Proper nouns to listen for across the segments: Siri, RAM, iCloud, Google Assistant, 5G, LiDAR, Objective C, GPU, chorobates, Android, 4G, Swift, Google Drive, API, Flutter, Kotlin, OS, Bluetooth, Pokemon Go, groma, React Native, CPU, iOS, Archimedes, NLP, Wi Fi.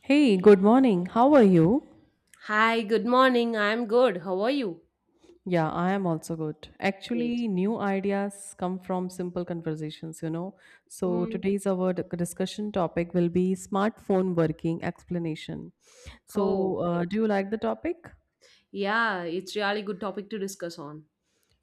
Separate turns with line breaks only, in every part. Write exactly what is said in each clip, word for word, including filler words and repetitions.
Hey, good morning. How are you?
Hi, good morning. I'm good. How are you?
Yeah, I am also good.
Great.
Actually, new ideas come from simple conversations, you know. So,
Mm,
today's our d- discussion topic will be smartphone working explanation.
oh,
So, uh, do
great.
you like the topic?
Yeah, it's really good topic to discuss on.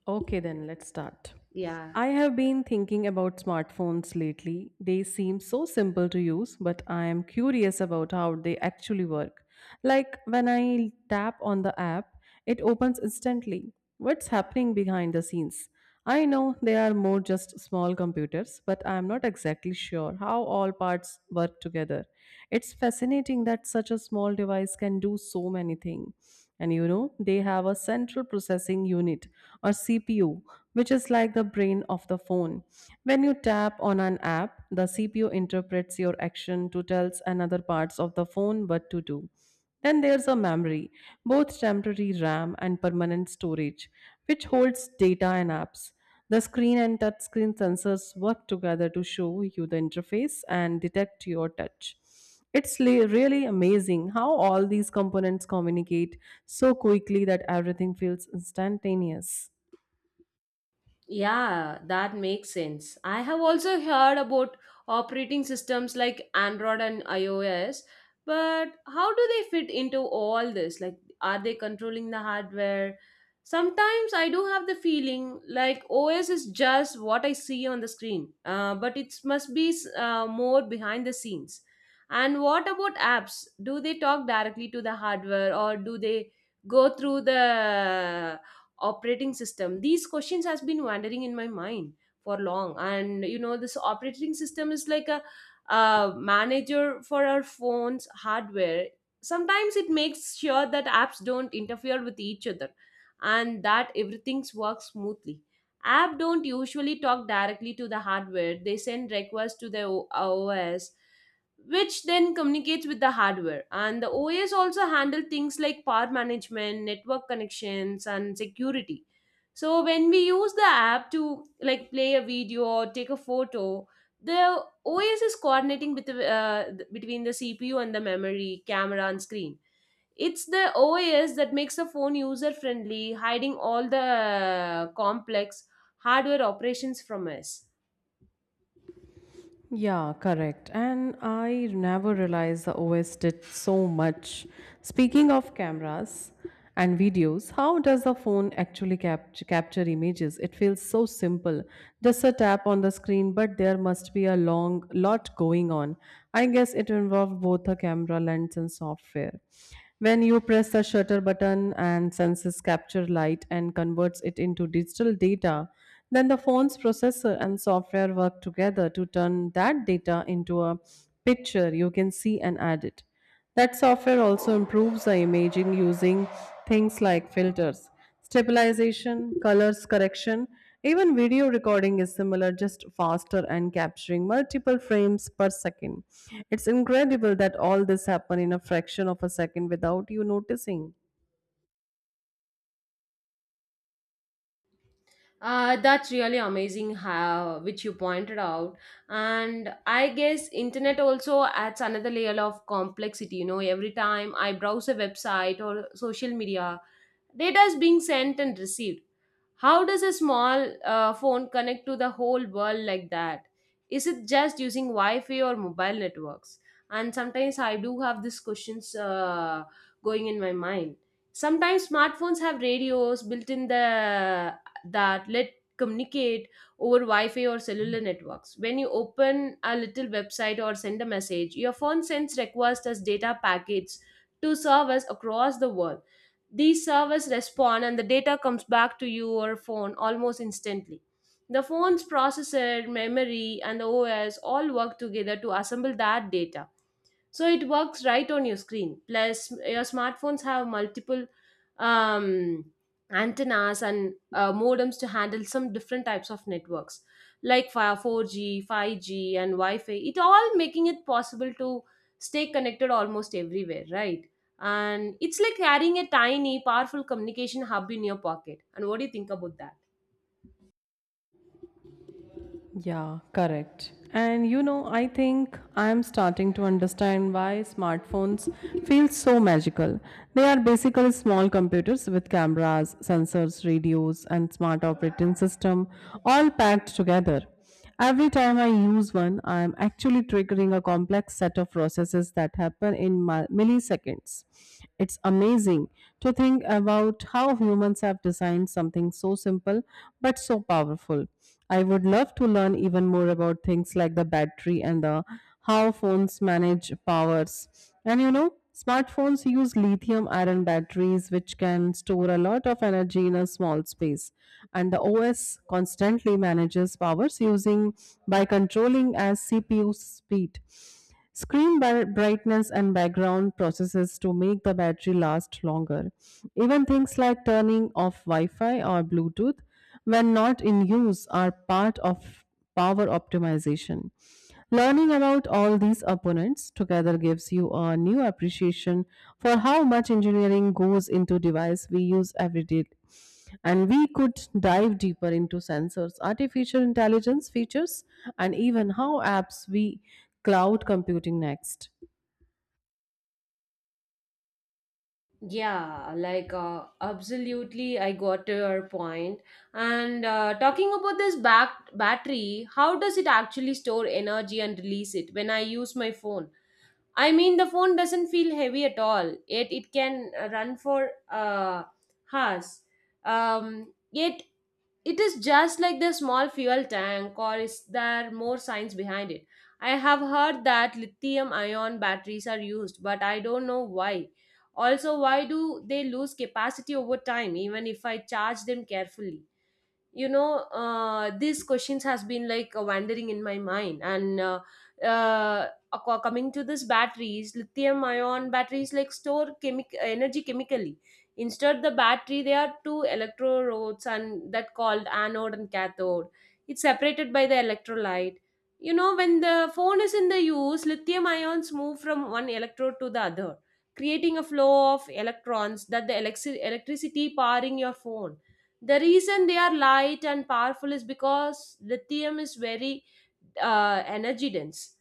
Okay, then let's start.
Yeah.
I have been thinking about smartphones lately. They seem so simple to use, but I am curious about how they actually work. Like when I tap on the app, it opens instantly. What's happening behind the scenes? I know they are more just small computers, but I am not exactly sure how all parts work together. It's fascinating that such a small device can do so many things. And you know, they have a central processing unit or C P U, which is like the brain of the phone. When you tap on an app, the C P U interprets your action to tells another parts of the phone what to do. Then there's a memory, both temporary RAM and permanent storage, which holds data and apps. The screen and touchscreen sensors work together to show you the interface and detect your touch. It's le- really amazing how all these components communicate so quickly that everything feels instantaneous.
Yeah, that makes sense. I have also heard about operating systems like Android and iOS, but how do they fit into all this? Like, are they controlling the hardware? Sometimes I do have the feeling like O S is just what I see on the screen, uh, but it must be uh, more behind the scenes. And what about apps? Do they talk directly to the hardware or do they go through the operating system? These questions has been wandering in my mind for long. And you know, this operating system is like a, a manager for our phones hardware. Sometimes it makes sure that apps don't interfere with each other and that everything works smoothly. App don't usually talk directly to the hardware. They send requests to the O- os which then communicates with the hardware. And the O S also handle things like power management, network connections, and security. So when we use the app to like play a video or take a photo, the O S is coordinating with the, uh, between the C P U and the memory, camera, and screen. It's the O S that makes the phone user friendly, hiding all the uh, complex hardware operations from us.
Yeah, correct. And I never realized the O S did so much. Speaking of cameras and videos, how does the phone actually cap- capture images? It feels so simple. Just a tap on the screen, but there must be a long lot going on. I guess it involved both a camera lens and software. When you press the shutter button and senses capture light and converts it into digital data, then the phone's processor and software work together to turn that data into a picture you can see and edit. That software also improves the imaging using things like filters, stabilization, colors correction. Even video recording is similar, just faster and capturing multiple frames per second. It's incredible that all this happen in a fraction of a second without you noticing.
Uh, that's really amazing how which you pointed out. And I guess internet also adds another layer of complexity. You know, every time I browse a website or social media, data is being sent and received. How does a small uh, phone connect to the whole world like that? Is it just using Wi Fi or mobile networks? And sometimes I do have these questions uh, going in my mind. Sometimes smartphones have radios built in the that let communicate over Wi-Fi or cellular networks. When you open a little website or send a message, your phone sends requests as data packets to servers across the world. These servers respond, and the data comes back to your phone almost instantly. The phone's processor, memory, and the OS all work together to assemble that data so it works right on your screen. Plus, your smartphones have multiple um, antennas and uh, modems to handle some different types of networks like fi- four G, five G, and wi-fi. It all making it possible to stay connected almost everywhere, right? And it's like carrying a tiny powerful communication hub in your pocket. And what do you think about that?
Yeah, correct. And you know, I think I am starting to understand why smartphones feel so magical. They are basically small computers with cameras, sensors, radios, and smart operating system all packed together. Every time I use one, I am actually triggering a complex set of processes that happen in mi- milliseconds. It's amazing to think about how humans have designed something so simple but so powerful. I would love to learn even more about things like the battery and the how phones manage powers. And you know, smartphones use lithium ion batteries, which can store a lot of energy in a small space. And the O S constantly manages powers using by controlling as C P U speed. Screen bar- brightness and background processes to make the battery last longer. Even things like turning off Wi Fi or Bluetooth when not in use are part of power optimization. Learning about all these opponents together gives you a new appreciation for how much engineering goes into device we use every day, and we could dive deeper into sensors, artificial intelligence features, and even how apps we cloud computing next.
Yeah, like uh, absolutely, I got to your point. And uh, talking about this back battery, how does it actually store energy and release it when I use my phone? I mean, the phone doesn't feel heavy at all, yet it can uh, run for uh, hours. Um, yet it is just like the small fuel tank, or is there more science behind it? I have heard that lithium ion batteries are used, but I don't know why. Also, why do they lose capacity over time even if I charge them carefully? You know, uh, these questions has been like uh, wandering in my mind. And uh, uh, ac- coming to this batteries, lithium ion batteries like store chemic energy chemically. Instead the battery there are two electrodes, and that called anode and cathode. It's separated by the electrolyte. You know, when the phone is in the use, lithium ions move from one electrode to the other, creating a flow of electrons that the electri- electricity powering your phone. The reason they are light and powerful is because lithium is very uh, energy dense.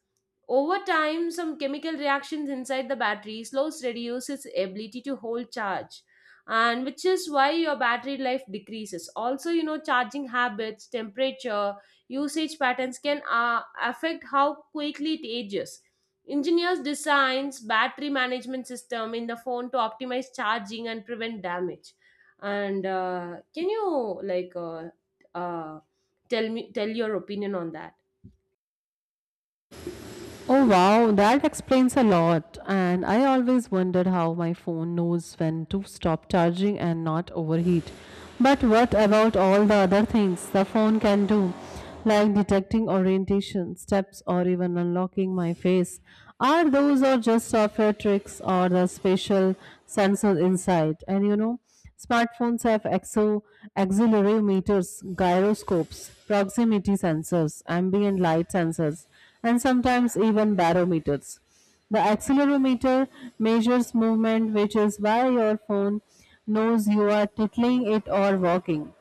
Over time, some chemical reactions inside the battery slows reduce its ability to hold charge, and which is why your battery life decreases. Also, you know, charging habits, temperature, usage patterns can uh, affect how quickly it ages. Engineers designs battery management system in the phone to optimize charging and prevent damage. And uh, can you like uh, uh, tell me tell your opinion on that?
Oh wow, that explains a lot. And I always wondered how my phone knows when to stop charging and not overheat. But what about all the other things the phone can do, like detecting orientation, steps, or even unlocking my face? Are those or just software tricks or the spatial sensors inside? And you know, smartphones have exo accelerometers, gyroscopes, proximity sensors, ambient light sensors and sometimes even barometers. The accelerometer measures movement, which is why your phone knows you are tickling it or walking.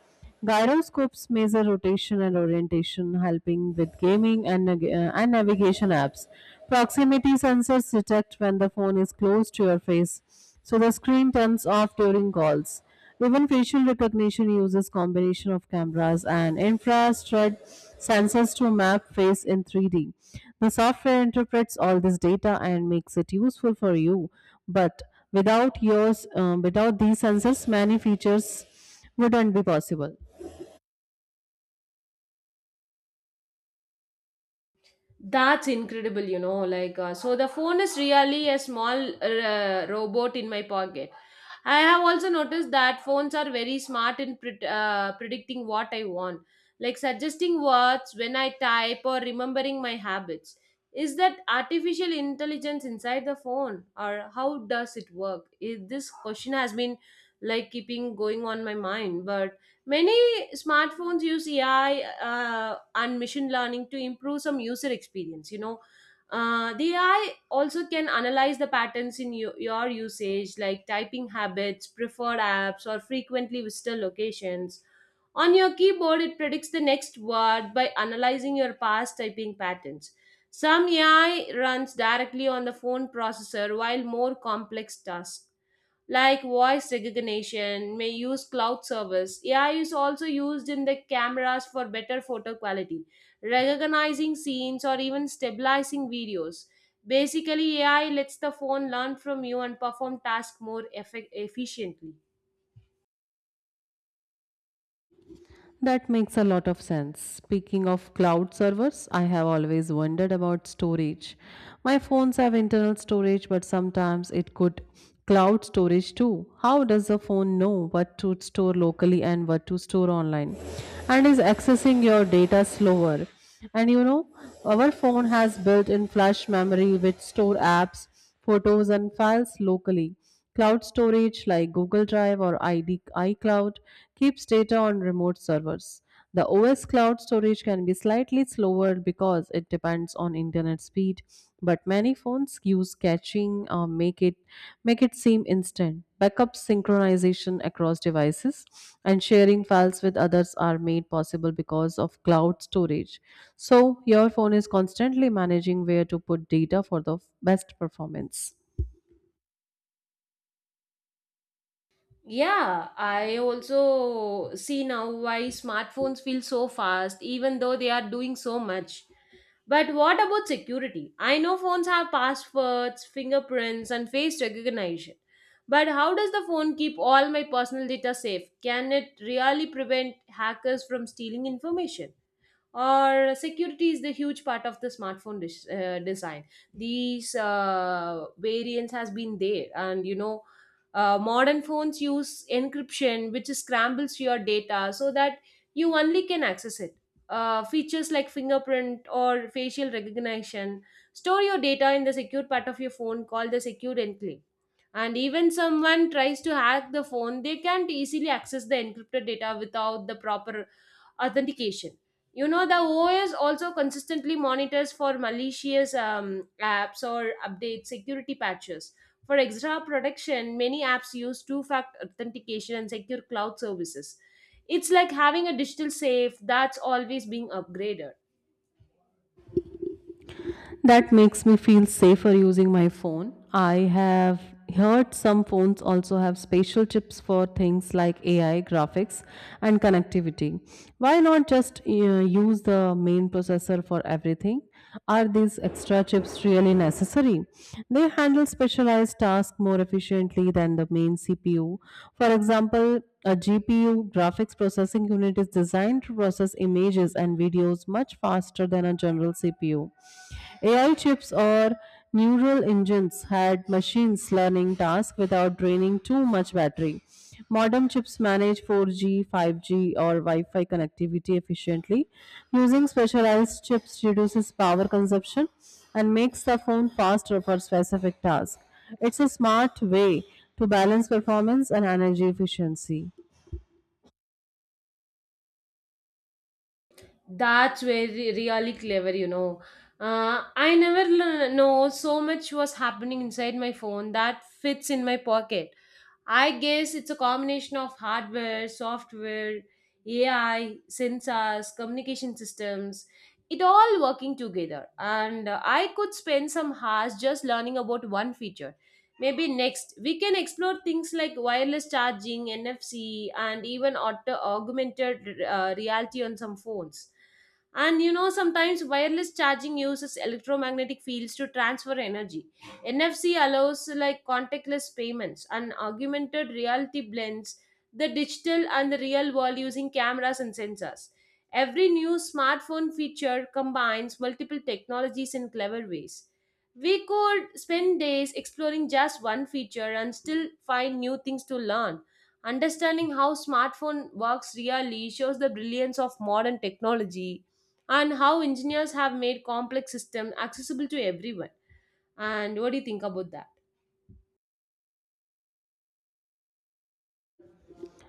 Gyroscopes measure rotation and orientation, helping with gaming and, nag- uh, and navigation apps. Proximity sensors detect when the phone is close to your face, so the screen turns off during calls. Even facial recognition uses combination of cameras and infrared sensors to map face in three D. The software interprets all this data and makes it useful for you, but without yours, um, without these sensors, many features wouldn't be possible.
That's incredible, you know. Like, uh, so the phone is really a small uh, robot in my pocket. I have also noticed that phones are very smart in pred- uh, predicting what I want, like suggesting words when I type or remembering my habits. Is that artificial intelligence inside the phone, or how does it work? Is, this question has been like keeping going on my mind, but many smartphones use A I uh, and machine learning to improve some user experience. You know, uh, the A I also can analyze the patterns in you, your usage, like typing habits, preferred apps, or frequently visited locations. On your keyboard, it predicts the next word by analyzing your past typing patterns. Some A I runs directly on the phone processor, while more complex tasks like voice recognition may use cloud service. AI is also used in the cameras for better photo quality, recognizing scenes, or even stabilizing videos. Basically, AI lets the phone learn from you and perform tasks more effe- efficiently.
That makes a lot of sense. Speaking of cloud servers, I have always wondered about storage. My phones have internal storage, but sometimes it could cloud storage too. How does the phone know what to store locally and what to store online? And is accessing your data slower? And you know, our phone has built in flash memory which store apps photos and files locally. Cloud storage like Google Drive or I D, iCloud keeps data on remote servers. The O S cloud storage can be slightly slower because it depends on internet speed, but many phones use caching packaging uh, make it make it seem instant. Backup synchronization across devices and sharing files with others are made possible because of cloud storage. So your phone is constantly managing where to put data for the best performance.
Yeah, I also see now why smartphones feel so fast, even though they are doing so much. But what about security? I know phones have passwords, fingerprints, and face recognition. But how does the phone keep all my personal data safe? Can it really prevent hackers from stealing information? Or security is the huge part of the smartphone dis- uh, design. These uh, variants has been there, and you know, uh, modern phones use encryption, which scrambles your data so that you only can access it. Uh, features like fingerprint or facial recognition store your data in the secure part of your phone called the secure enclave. And even someone tries to hack the phone, they can't easily access the encrypted data without the proper authentication. You know, the O S also consistently monitors for malicious um, apps or updates security patches. For extra protection, many apps use two factor authentication and secure cloud services. It's like having a digital safe that's always being upgraded.
That makes me feel safer using my phone. I have heard some phones also have special chips for things like A I, graphics, and connectivity. Why not just uh, use the main processor for everything? Are these extra chips really necessary? They handle specialized tasks more efficiently than the main C P U. For example, a G P U graphics processing unit is designed to process images and videos much faster than a general C P U. A I chips or neural engines had machines learning tasks without draining too much battery. Modern chips manage four G, five G, or Wi Fi connectivity efficiently. Using specialized chips reduces power consumption and makes the phone faster for specific tasks. It's a smart way to balance performance and energy efficiency.
That's very really clever, you know. Uh, I never l- know so much was happening inside my phone that fits in my pocket. I guess it's a combination of hardware, software, A I, sensors, communication systems, it all working together. And uh, I could spend some hours just learning about one feature. Maybe next, we can explore things like wireless charging, N F C, and even auto- augmented uh, reality on some phones. And you know, sometimes wireless charging uses electromagnetic fields to transfer energy. N F C allows like contactless payments, and augmented reality blends the digital and the real world using cameras and sensors. Every new smartphone feature combines multiple technologies in clever ways. We could spend days exploring just one feature and still find new things to learn. Understanding how smartphone works really shows the brilliance of modern technology and how engineers have made complex systems accessible to everyone. And what do you think about that?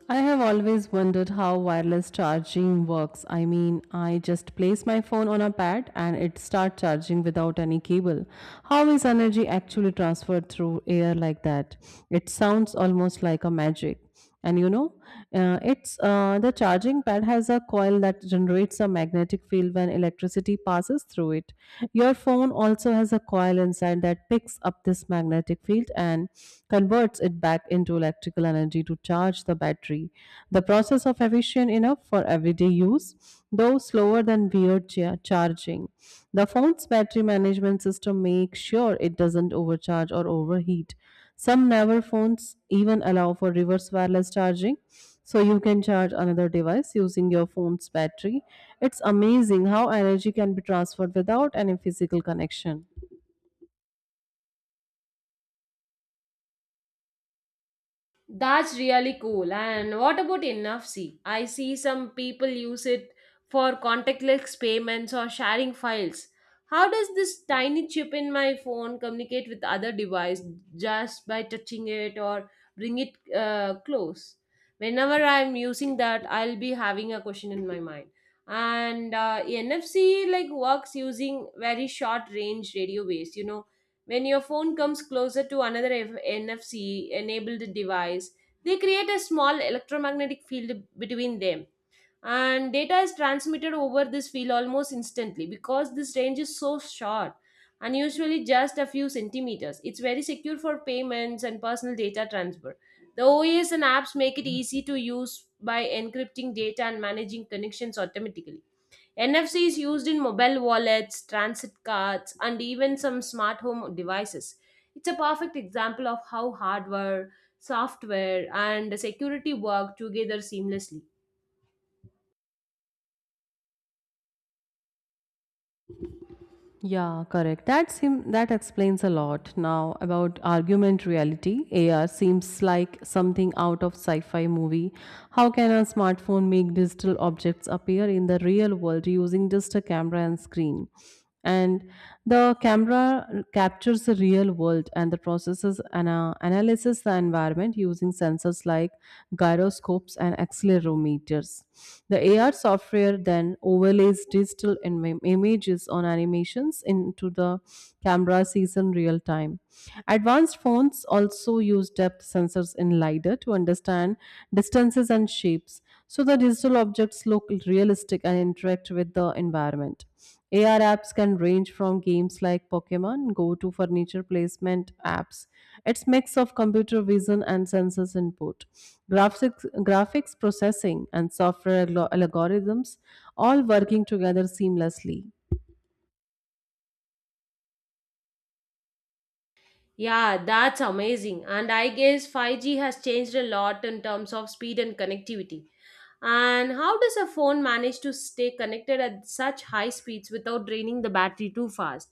I have always wondered how wireless charging works. I mean, I just place my phone on a pad and it starts charging without any cable. How is energy actually transferred through air like that? It sounds almost like a magic. And you know, uh, it's uh, the charging pad has a coil that generates a magnetic field when electricity passes through it. Your phone also has a has a coil inside that picks up this magnetic field and converts it back into electrical energy to charge the battery. The process of efficient enough for everyday use, though slower than weird cha- charging. The phone's battery management system makes sure it doesn't overcharge or overheat. Some newer phones even allow for reverse wireless charging, so you can charge another device using your phone's battery. It's amazing how energy can be transferred without any physical connection.
That's really cool. And what about N F C? I see some people use it for contactless payments or sharing files. How does this tiny chip in my phone communicate with other device just by touching it or bring it uh, close? Whenever I'm using that, I'll be having a question in my mind. And uh, N F C like works using very short range radio waves. You know, when your phone comes closer to another F- N F C enabled device, they create a small electromagnetic field between them. And data is transmitted over this field almost instantly because this range is so short and usually just a few centimeters. It's very secure for payments and personal data transfer. The O S and apps make it easy to use by encrypting data and managing connections automatically. N F C is used in mobile wallets, transit cards, and even some smart home devices. It's a perfect example of how hardware, software, and security work together seamlessly.
Yeah, correct. That seem that explains a lot. Now about argument reality, A R seems like something out of sci-fi movie. How can a smartphone make digital objects appear in the real world using just a camera and screen? And the camera captures the real world and the processes and uh, analyzes the environment using sensors like gyroscopes and accelerometers. The A R software then overlays digital im- images on on animations into the camera sees in real time. Advanced phones also use depth sensors in LiDAR to understand distances and shapes, so the digital objects look realistic and interact with the environment. A R apps can range from games like Pokemon Go to furniture placement apps. It's mix of computer vision and sensors input. Graphics, graphics processing and software algo- algorithms all working together seamlessly.
Yeah, that's amazing. And I guess five G has changed a lot in terms of speed and connectivity. And how does a phone manage to stay connected at such high speeds without draining the battery too fast?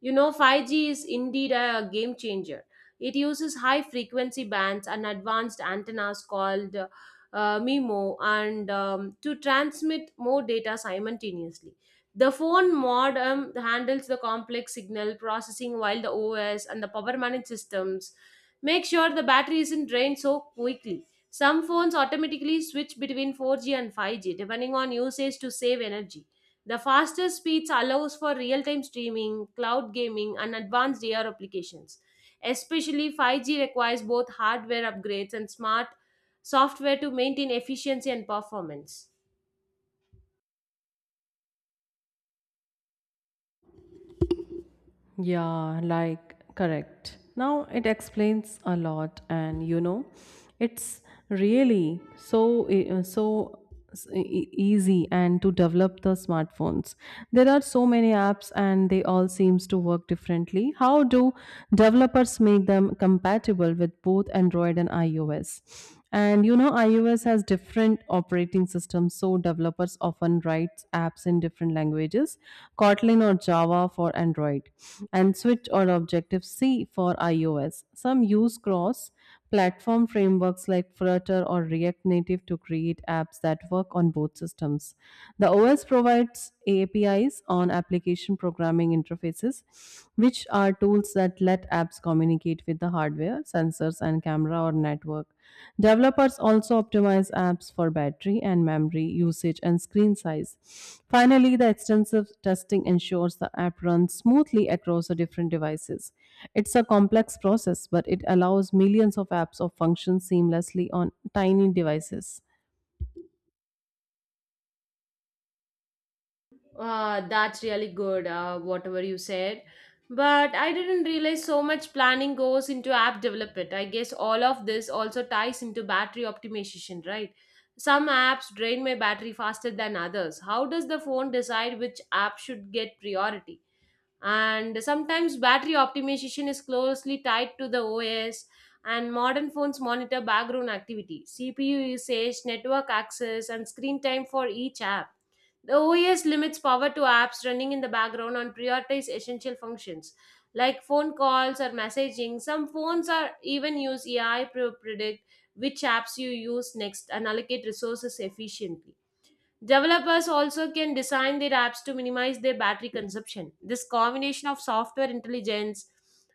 You know, five G is indeed a game changer. It uses high frequency bands and advanced antennas called uh, uh, M I M O and um, to transmit more data simultaneously. The phone modem handles the complex signal processing while the O S and the power management systems make sure the battery isn't drained so quickly. Some phones automatically switch between four G and five G depending on usage to save energy. The faster speeds allows for real-time streaming, cloud gaming, and advanced A R applications. Especially five G requires both hardware upgrades and smart software to maintain efficiency and performance.
Yeah, like correct. Now it explains a lot, and you know, it's really so e- uh, so s- e- e, easy and to develop the smartphones. There are so many apps, and they all seems to work differently. How do developers make them compatible with both Android and iOS? And you know, iOS has different different operating systems, so developers often write apps in different languages, Kotlin or Java for Android, and Switch or Objective C for iOS. Some use cross platform frameworks like Flutter or React Native to create apps that work on both systems. The O S provides A P Is on application programming interfaces, which are tools that let apps communicate with the hardware, sensors, and camera or network. Developers also optimize apps for battery and memory usage and screen size. Finally, the extensive testing ensures the app runs smoothly across the different devices. It's a complex process, but it allows millions of apps or functions seamlessly on tiny devices.
Uh, that's really good, uh, whatever you said. But I didn't realize so much planning goes into app development. I guess all of this also ties into battery optimization, right? Some apps drain my battery faster than others. How does the phone decide which app should get priority? And sometimes battery optimization is closely tied to the O S, and modern phones monitor background activity, C P U usage, network access, and screen time for each app. The O S limits power to apps running in the background and prioritize essential functions like phone calls or messaging. Some phones are even use A I to predict which apps you use next and allocate resources efficiently. Developers also can design their apps to minimize their battery consumption. This combination of software intelligence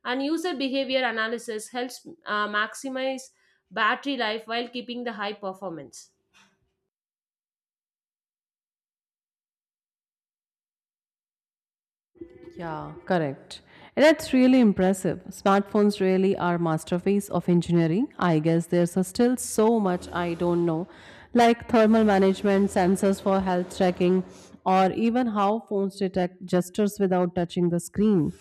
and user behavior analysis helps uh, maximize battery life while keeping the high performance.
Yeah, correct. And that's really impressive. Smartphones really are masterpiece of engineering. I guess there's a still so much I don't know, like thermal management, sensors for health tracking, or even how phones detect gestures without touching the screen.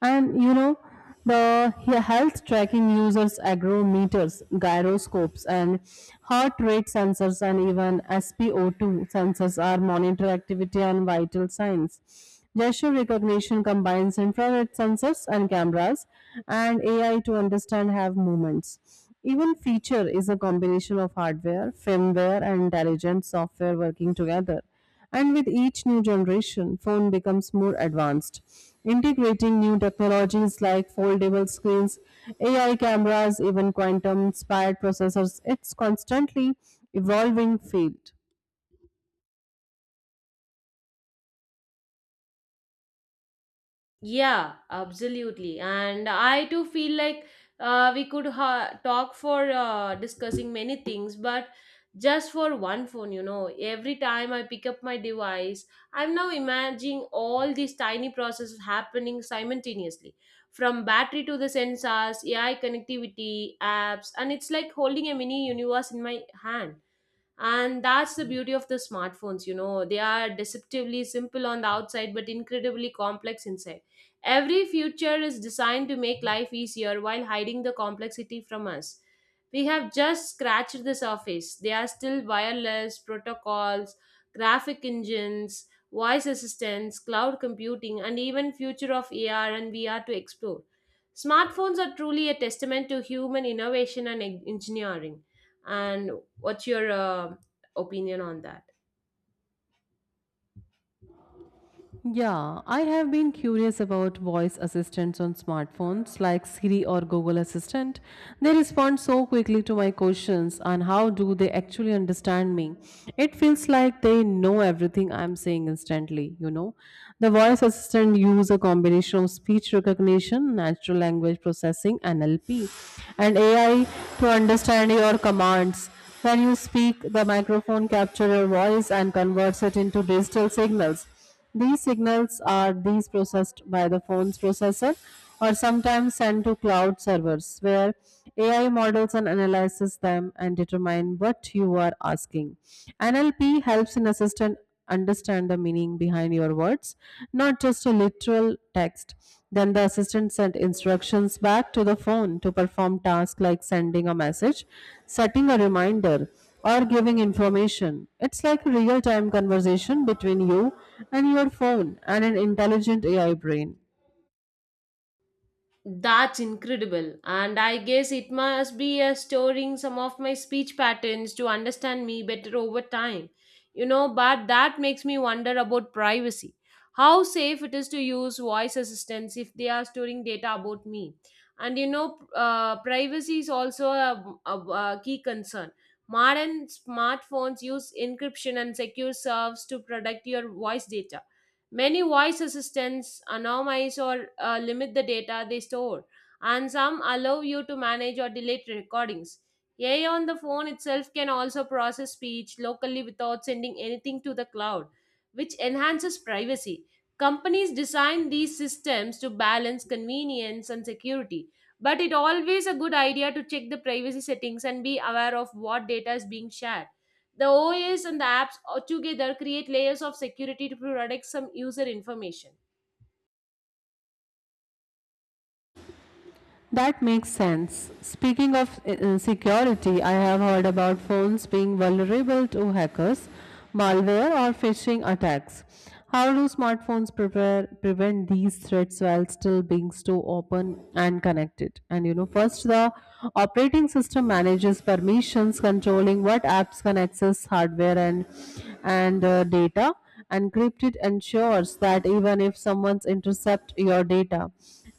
And you know, the yeah, health tracking uses agrometers, gyroscopes, and heart rate sensors, and even S p O two sensors are monitor activity and vital signs. Gesture recognition combines infrared sensors and cameras and A I to understand hand movements. Even feature is a combination of hardware, firmware, and intelligent software working together. And with each new generation, phone becomes more advanced, integrating new technologies like foldable screens, A I cameras, even quantum-inspired processors. It's constantly evolving field.
Yeah, absolutely. And I too feel like uh, we could ha- talk for uh, discussing many things, but just for one phone, you know, every time I pick up my device, I'm now imagining all these tiny processes happening simultaneously from battery to the sensors, A I connectivity, apps, and it's like holding a mini universe in my hand. And that's the beauty of the smartphones, you know, they are deceptively simple on the outside but incredibly complex inside. Every feature is designed to make life easier while hiding the complexity from us. We have just scratched the surface. They are still wireless protocols, graphic engines, voice assistants, cloud computing, and even future of A R and V R to explore. Smartphones are truly a testament to human innovation and en- engineering. And what's your uh, opinion on that?
Yeah, I have been curious about voice assistants on smartphones like Siri or Google Assistant. They respond so quickly to my questions and how do they actually understand me? It feels like they know everything I'm saying instantly, you know. The voice assistant use a combination of speech recognition, natural language processing, N L P, and A I to understand your commands. When you speak, the microphone captures your voice and converts it into digital signals. These signals are these processed by the phone's processor or sometimes sent to cloud servers where A I models and analyzes them and determine what you are asking. N L P helps an assistant understand the meaning behind your words, not just a literal text. Then the assistant sent instructions back to the phone to perform tasks like sending a message, setting a reminder, or giving information. It's like a real time conversation between you and your phone and an intelligent A I brain.
That's incredible. And I guess it must be uh, storing some of my speech patterns to understand me better over time. You know, but that makes me wonder about privacy. How safe it is to use voice assistants if they are storing data about me. And you know, uh, privacy is also a, a, a key concern. Modern smartphones use encryption and secure serves to protect your voice data. Many voice assistants anonymize or uh, limit the data they store, and some allow you to manage or delete recordings. A I on the phone itself can also process speech locally without sending anything to the cloud, which enhances privacy. Companies design these systems to balance convenience and security, but it always a good idea to check the privacy settings and be aware of what data is being shared. The O S and the apps uh, together create layers of security to protect some user information.
That makes sense. Speaking of uh, uh, security, I have heard about phones being vulnerable to hackers, malware, or phishing attacks. How do smartphones prepare, prevent these threats while still being so open and connected? And you know, first, the operating system manages permissions, controlling what apps can access hardware and and uh, data. And Encrypted ensures that even if someone's intercept your data,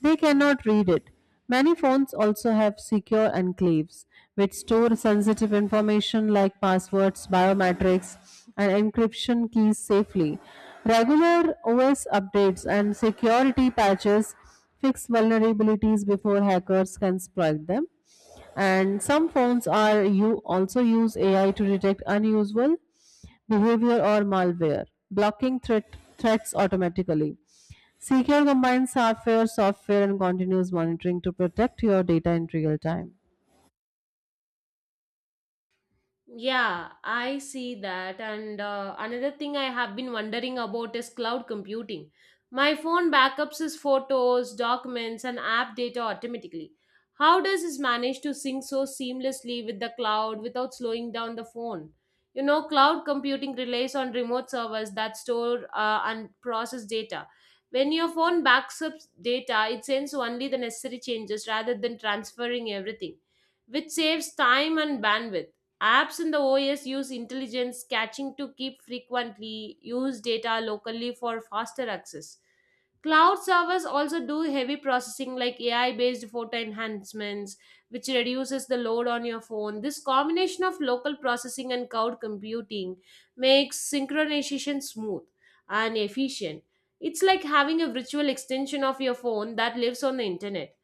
they cannot read it. Many phones also have secure enclaves, which store sensitive information like passwords, biometrics, and encryption keys safely. Regular O S updates and security patches fix vulnerabilities before hackers can exploit them. And some phones are you also use A I to detect unusual behavior or malware, blocking threat, threats automatically. Secure combines hardware, software, and continuous monitoring to protect your data in real time.
Yeah, I see that. And uh, another thing I have been wondering about is cloud computing. My phone backups is photos, documents, and app data automatically. How does this manage to sync so seamlessly with the cloud without slowing down the phone? You know, cloud computing relies on remote servers that store uh, and process data. When your phone backs up data, it sends only the necessary changes rather than transferring everything, which saves time and bandwidth. Apps in the O S use intelligence catching to keep frequently used data locally for faster access. Cloud servers also do heavy processing like A I based photo enhancements, which reduces the load on your phone. This combination of local processing and cloud computing makes synchronization smooth and efficient. It's like having a virtual extension of your phone that lives on the internet.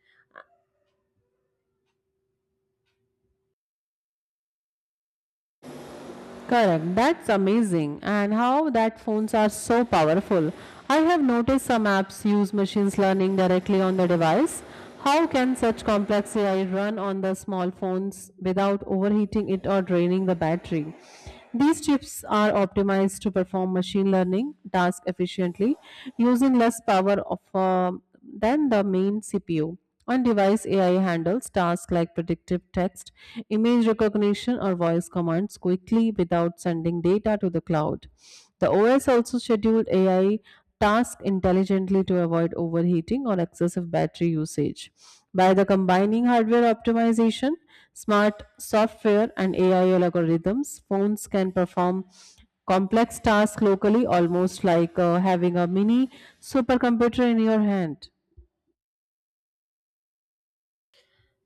Correct. That's amazing. And how that phones are so powerful. I have noticed some apps use machine learning directly on the device. How can such complex A I run on the small phones without overheating it or draining the battery? These chips are optimized to perform machine learning tasks efficiently using less power of, uh, than the main C P U. On device, A I handles tasks like predictive text, image recognition, or voice commands quickly without sending data to the cloud. The O S also scheduled A I tasks intelligently to avoid overheating or excessive battery usage. By the combining hardware optimization, smart software, and A I algorithms, phones can perform complex tasks locally, almost like uh, having a mini supercomputer in your hand.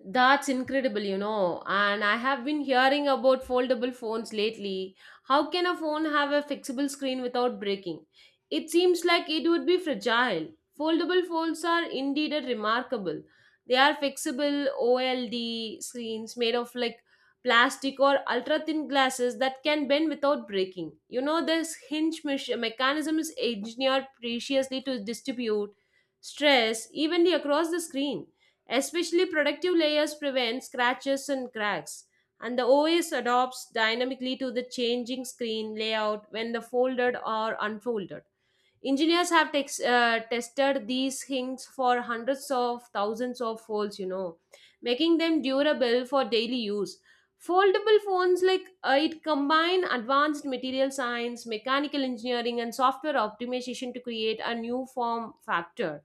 That's incredible, you know. And I have been hearing about foldable phones lately. How can a phone have a fixable screen without breaking? It seems like it would be fragile. Foldable phones are indeed a remarkable. They are fixable O L D screens made of like plastic or ultra thin glasses that can bend without breaking. You know, this hinge mech- mechanism is engineered preciously to distribute stress evenly across the screen. Especially protective layers prevent scratches and cracks, and the O S adopts dynamically to the changing screen layout when the folded or unfolded. Engineers have tex- uh, tested these things for hundreds of thousands of folds, you know, making them durable for daily use. Foldable phones like uh, it combine advanced material science, mechanical engineering, and software optimization to create a new form factor.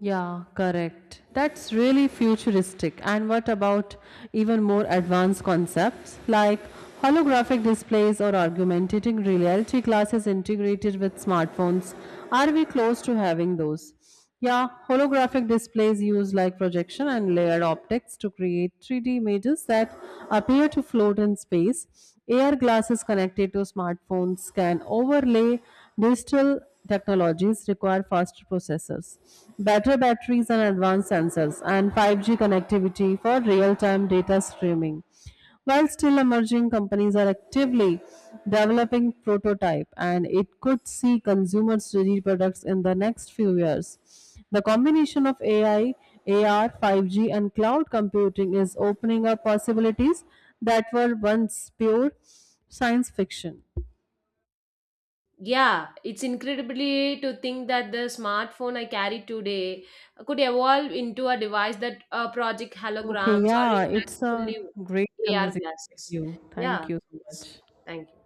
Yeah, correct. That's really futuristic. And what about even more advanced concepts like holographic displays or augmented reality glasses integrated with smartphones? Are we close to having those? Yeah, holographic displays use like projection and layered optics to create three D images that appear to float in space. A R glasses connected to smartphones can overlay digital technologies require faster processors, better batteries and advanced sensors, and five G connectivity for real-time data streaming. While still emerging, companies are actively developing prototype and it could see consumers ready products in the next few years. The combination of A I, A R, five G and cloud computing is opening up possibilities that were once pure science fiction.
Yeah, it's incredibly to think that the smartphone I carry today could evolve into a device that uh, project
Okay,
holograms or
yeah,
interacts
it's a
fully with
great
A R
conversation with
glasses.
you.
Yeah,
Thank you so
it's,
much.
thank you.